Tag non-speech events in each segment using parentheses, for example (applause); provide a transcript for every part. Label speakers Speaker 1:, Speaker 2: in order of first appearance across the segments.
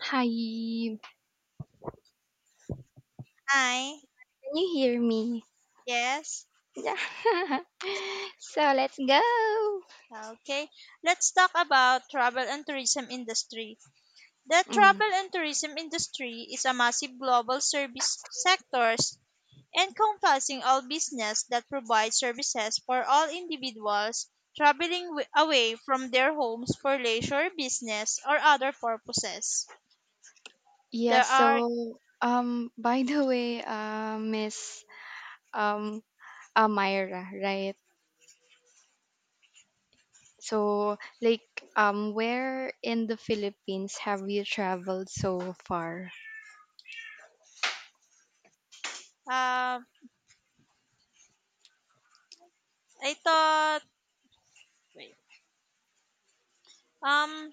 Speaker 1: Hi, can
Speaker 2: Hi.
Speaker 1: you hear me?
Speaker 2: Yes.
Speaker 1: Yeah. (laughs) So let's go.
Speaker 2: Okay. Let's talk about travel and tourism industry. The
Speaker 1: Mm.
Speaker 2: travel and tourism industry is a massive global service sectors encompassing all business that provide services for all individuals traveling away from their homes for leisure, business, or other purposes.
Speaker 1: Yeah,
Speaker 2: There are
Speaker 1: so by the way, Miss um uh, right? So where in the Philippines have you traveled so far?
Speaker 2: uh, I thought wait, um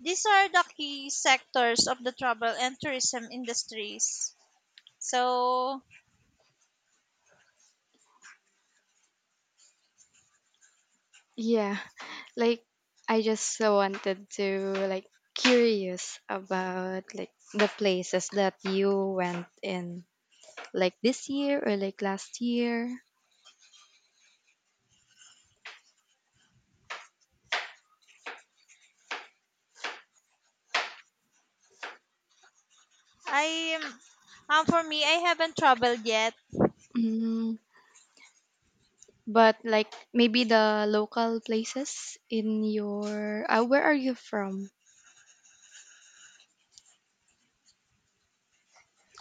Speaker 2: these are the key sectors of the travel and tourism industries. So
Speaker 1: Yeah, like I just so wanted to curious about like the places that you went in like this year or like last year.
Speaker 2: I am for me I haven't traveled yet.
Speaker 1: Mm, but like maybe the local places in your where are you from?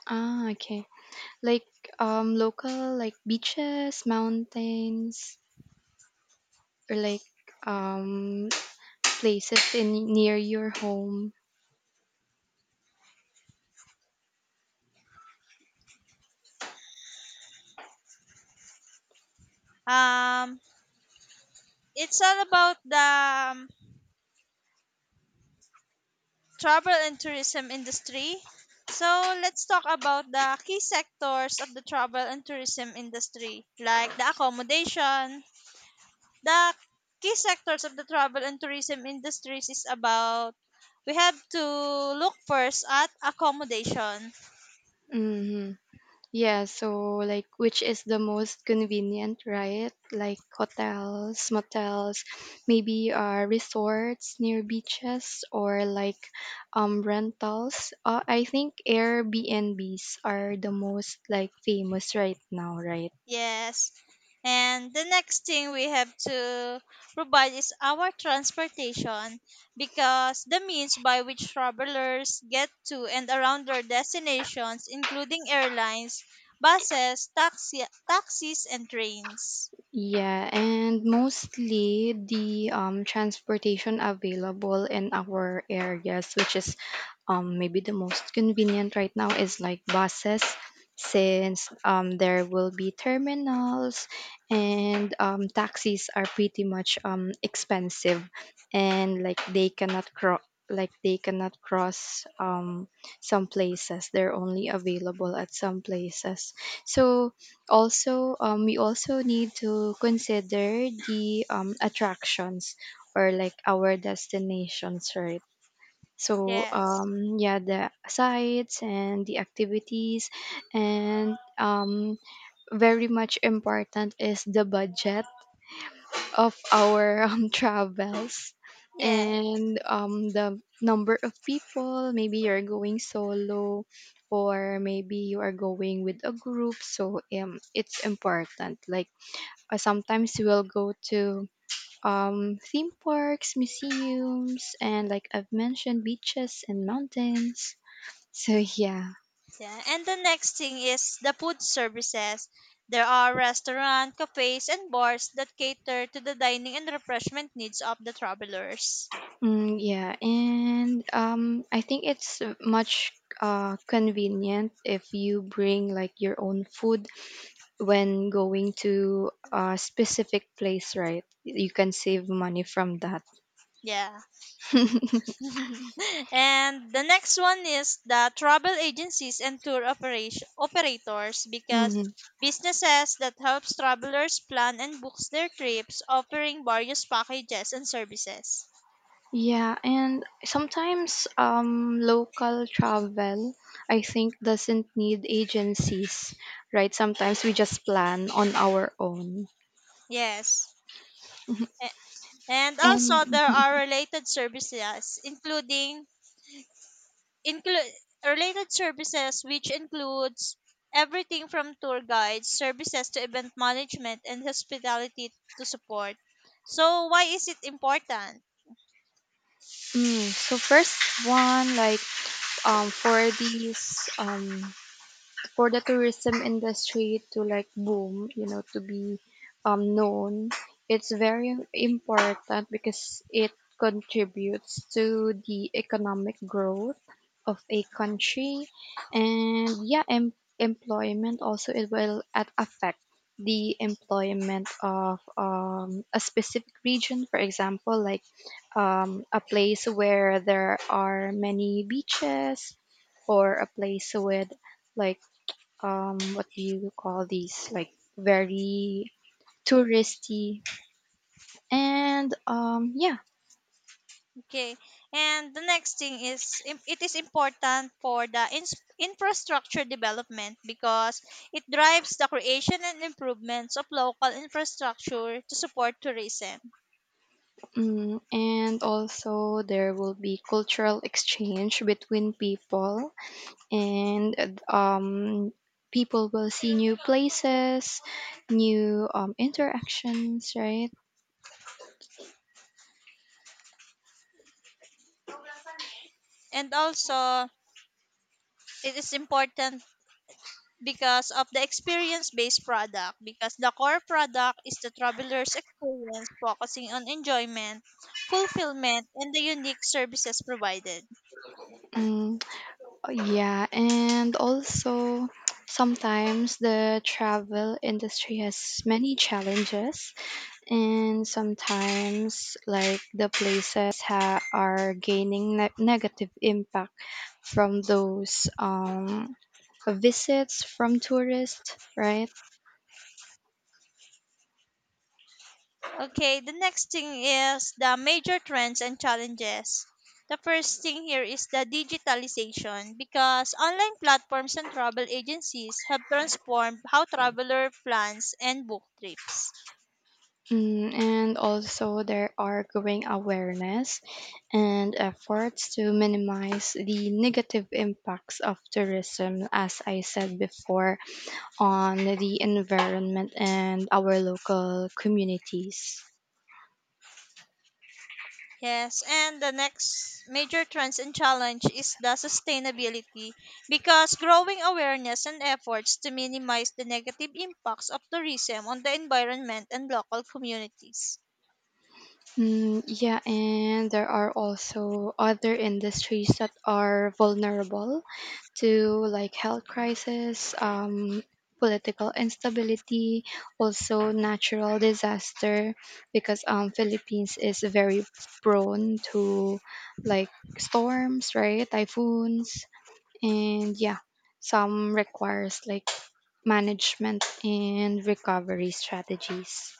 Speaker 1: Ah, okay. Like local like beaches, mountains, or like um places in near your home.
Speaker 2: Um it's all about the um, travel and tourism industry. So let's talk about the key sectors of the travel and tourism industry like the accommodation. The key sectors of the travel and tourism industries is about we have to look first at accommodation.
Speaker 1: Mm-hmm. Yeah, so like which is the most convenient, right? Like hotels, motels, maybe resorts near beaches or like rentals. I think Airbnbs are the most like famous right now, right?
Speaker 2: Yes. And the next thing we have to provide is our transportation because the means by which travelers get to and around their destinations, including airlines, buses, taxis, and trains.
Speaker 1: Yeah, and mostly the transportation available in our areas, which is maybe the most convenient right now, is like buses, since there will be terminals and taxis are pretty much expensive, and like they cannot cross. Like they cannot cross some places. They're only available at some places. So also we also need to consider the attractions or like our destinations, right? so
Speaker 2: Yes.
Speaker 1: um yeah, the sites and the activities, and very much important is the budget of our (laughs) travels,
Speaker 2: Yeah,
Speaker 1: and the number of people, maybe you're going solo or maybe you are going with a group. So it's important, like sometimes we'll go to theme parks, museums, and like I've mentioned, beaches and mountains. So yeah,
Speaker 2: yeah. And the next thing is the food services. There are restaurants, cafes, and bars that cater to the dining and refreshment needs of the travelers.
Speaker 1: mm, yeah, and I think it's much convenient if you bring like your own food when going to a specific place, right? You can save money from that.
Speaker 2: Yeah.
Speaker 1: (laughs)
Speaker 2: (laughs) And the next one is the travel agencies and tour operation operators because
Speaker 1: Mhm.
Speaker 2: businesses that helps travelers plan and books their trips offering various packages and services.
Speaker 1: Yeah, and sometimes local travel, I think, doesn't need agencies, right? Sometimes we just plan on our own.
Speaker 2: Yes. A- and also
Speaker 1: And
Speaker 2: there are include related services which includes everything from tour guides services to event management and hospitality to support. So why is it important?
Speaker 1: mm, so first one, like for these for the tourism industry to like boom, to be known, it's very important because it contributes to the economic growth of a country. And yeah, employment, also it will at affect the employment of a specific region. For example, like a place where there are many beaches or a place with like what do you call these, like very touristy, and yeah.
Speaker 2: Okay, and the next thing is it is important for the infrastructure development because it drives the creation and improvements of local infrastructure to support tourism.
Speaker 1: Mm, and also there will be cultural exchange between people, and people will see new places, new interactions, right?
Speaker 2: And also, it is important because of the experience based product, because the core product is the traveler's experience focusing on enjoyment, fulfillment, and the unique services provided.
Speaker 1: Mm, yeah, and also sometimes the travel industry has many challenges, and sometimes like the places are gaining negative impact from those visits from tourists, right?
Speaker 2: Okay, the next thing is the major trends and challenges. The first thing here is the digitalization, because online platforms and travel agencies have transformed how traveler plans and book trips.
Speaker 1: Mm, and also there are growing awareness and efforts to minimize the negative impacts of tourism, as I said before, on the environment and our local communities.
Speaker 2: Yes, and the next major trends and challenge is the sustainability, because growing awareness and efforts to minimize the negative impacts of tourism on the environment and local communities.
Speaker 1: Mm, yeah, and there are also other industries that are vulnerable to like health crisis, political instability, also natural disaster, because Philippines is very prone to like storms, right? Typhoons, and yeah, some requires like management and recovery strategies.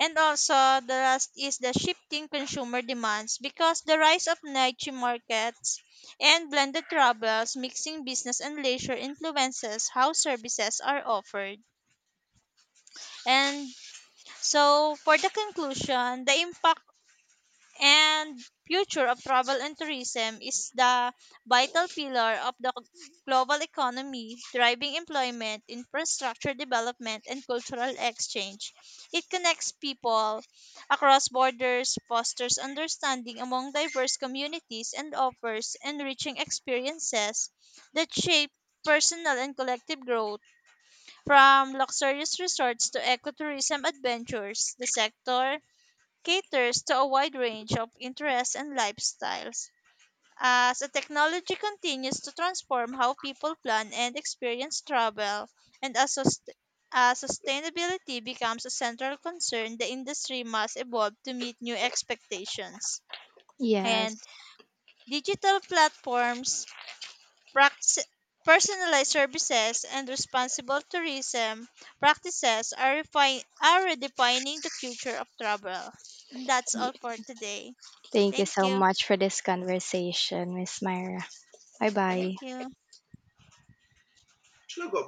Speaker 2: And also, the last is the shifting consumer demands, because the rise of niche markets and blended travels, mixing business and leisure, influences how services are offered. And so, for the conclusion, the impact and future of travel and tourism is the vital pillar of the global economy, driving employment, infrastructure development, and cultural exchange. It connects people across borders, fosters understanding among diverse communities, and offers enriching experiences that shape personal and collective growth. From luxurious resorts to ecotourism adventures, the sector caters to a wide range of interests and lifestyles. As a technology continues to transform how people plan and experience travel, and as sustainability becomes a central concern, the industry must evolve to meet new expectations. And
Speaker 1: Yes.
Speaker 2: digital platforms, prac- personalized services, and responsible tourism practices are, are redefining the future of travel. That's all for today.
Speaker 1: Thank you
Speaker 2: Thank
Speaker 1: so
Speaker 2: you.
Speaker 1: much for this conversation, Miss Myra. Bye
Speaker 2: Thank you.
Speaker 1: bye.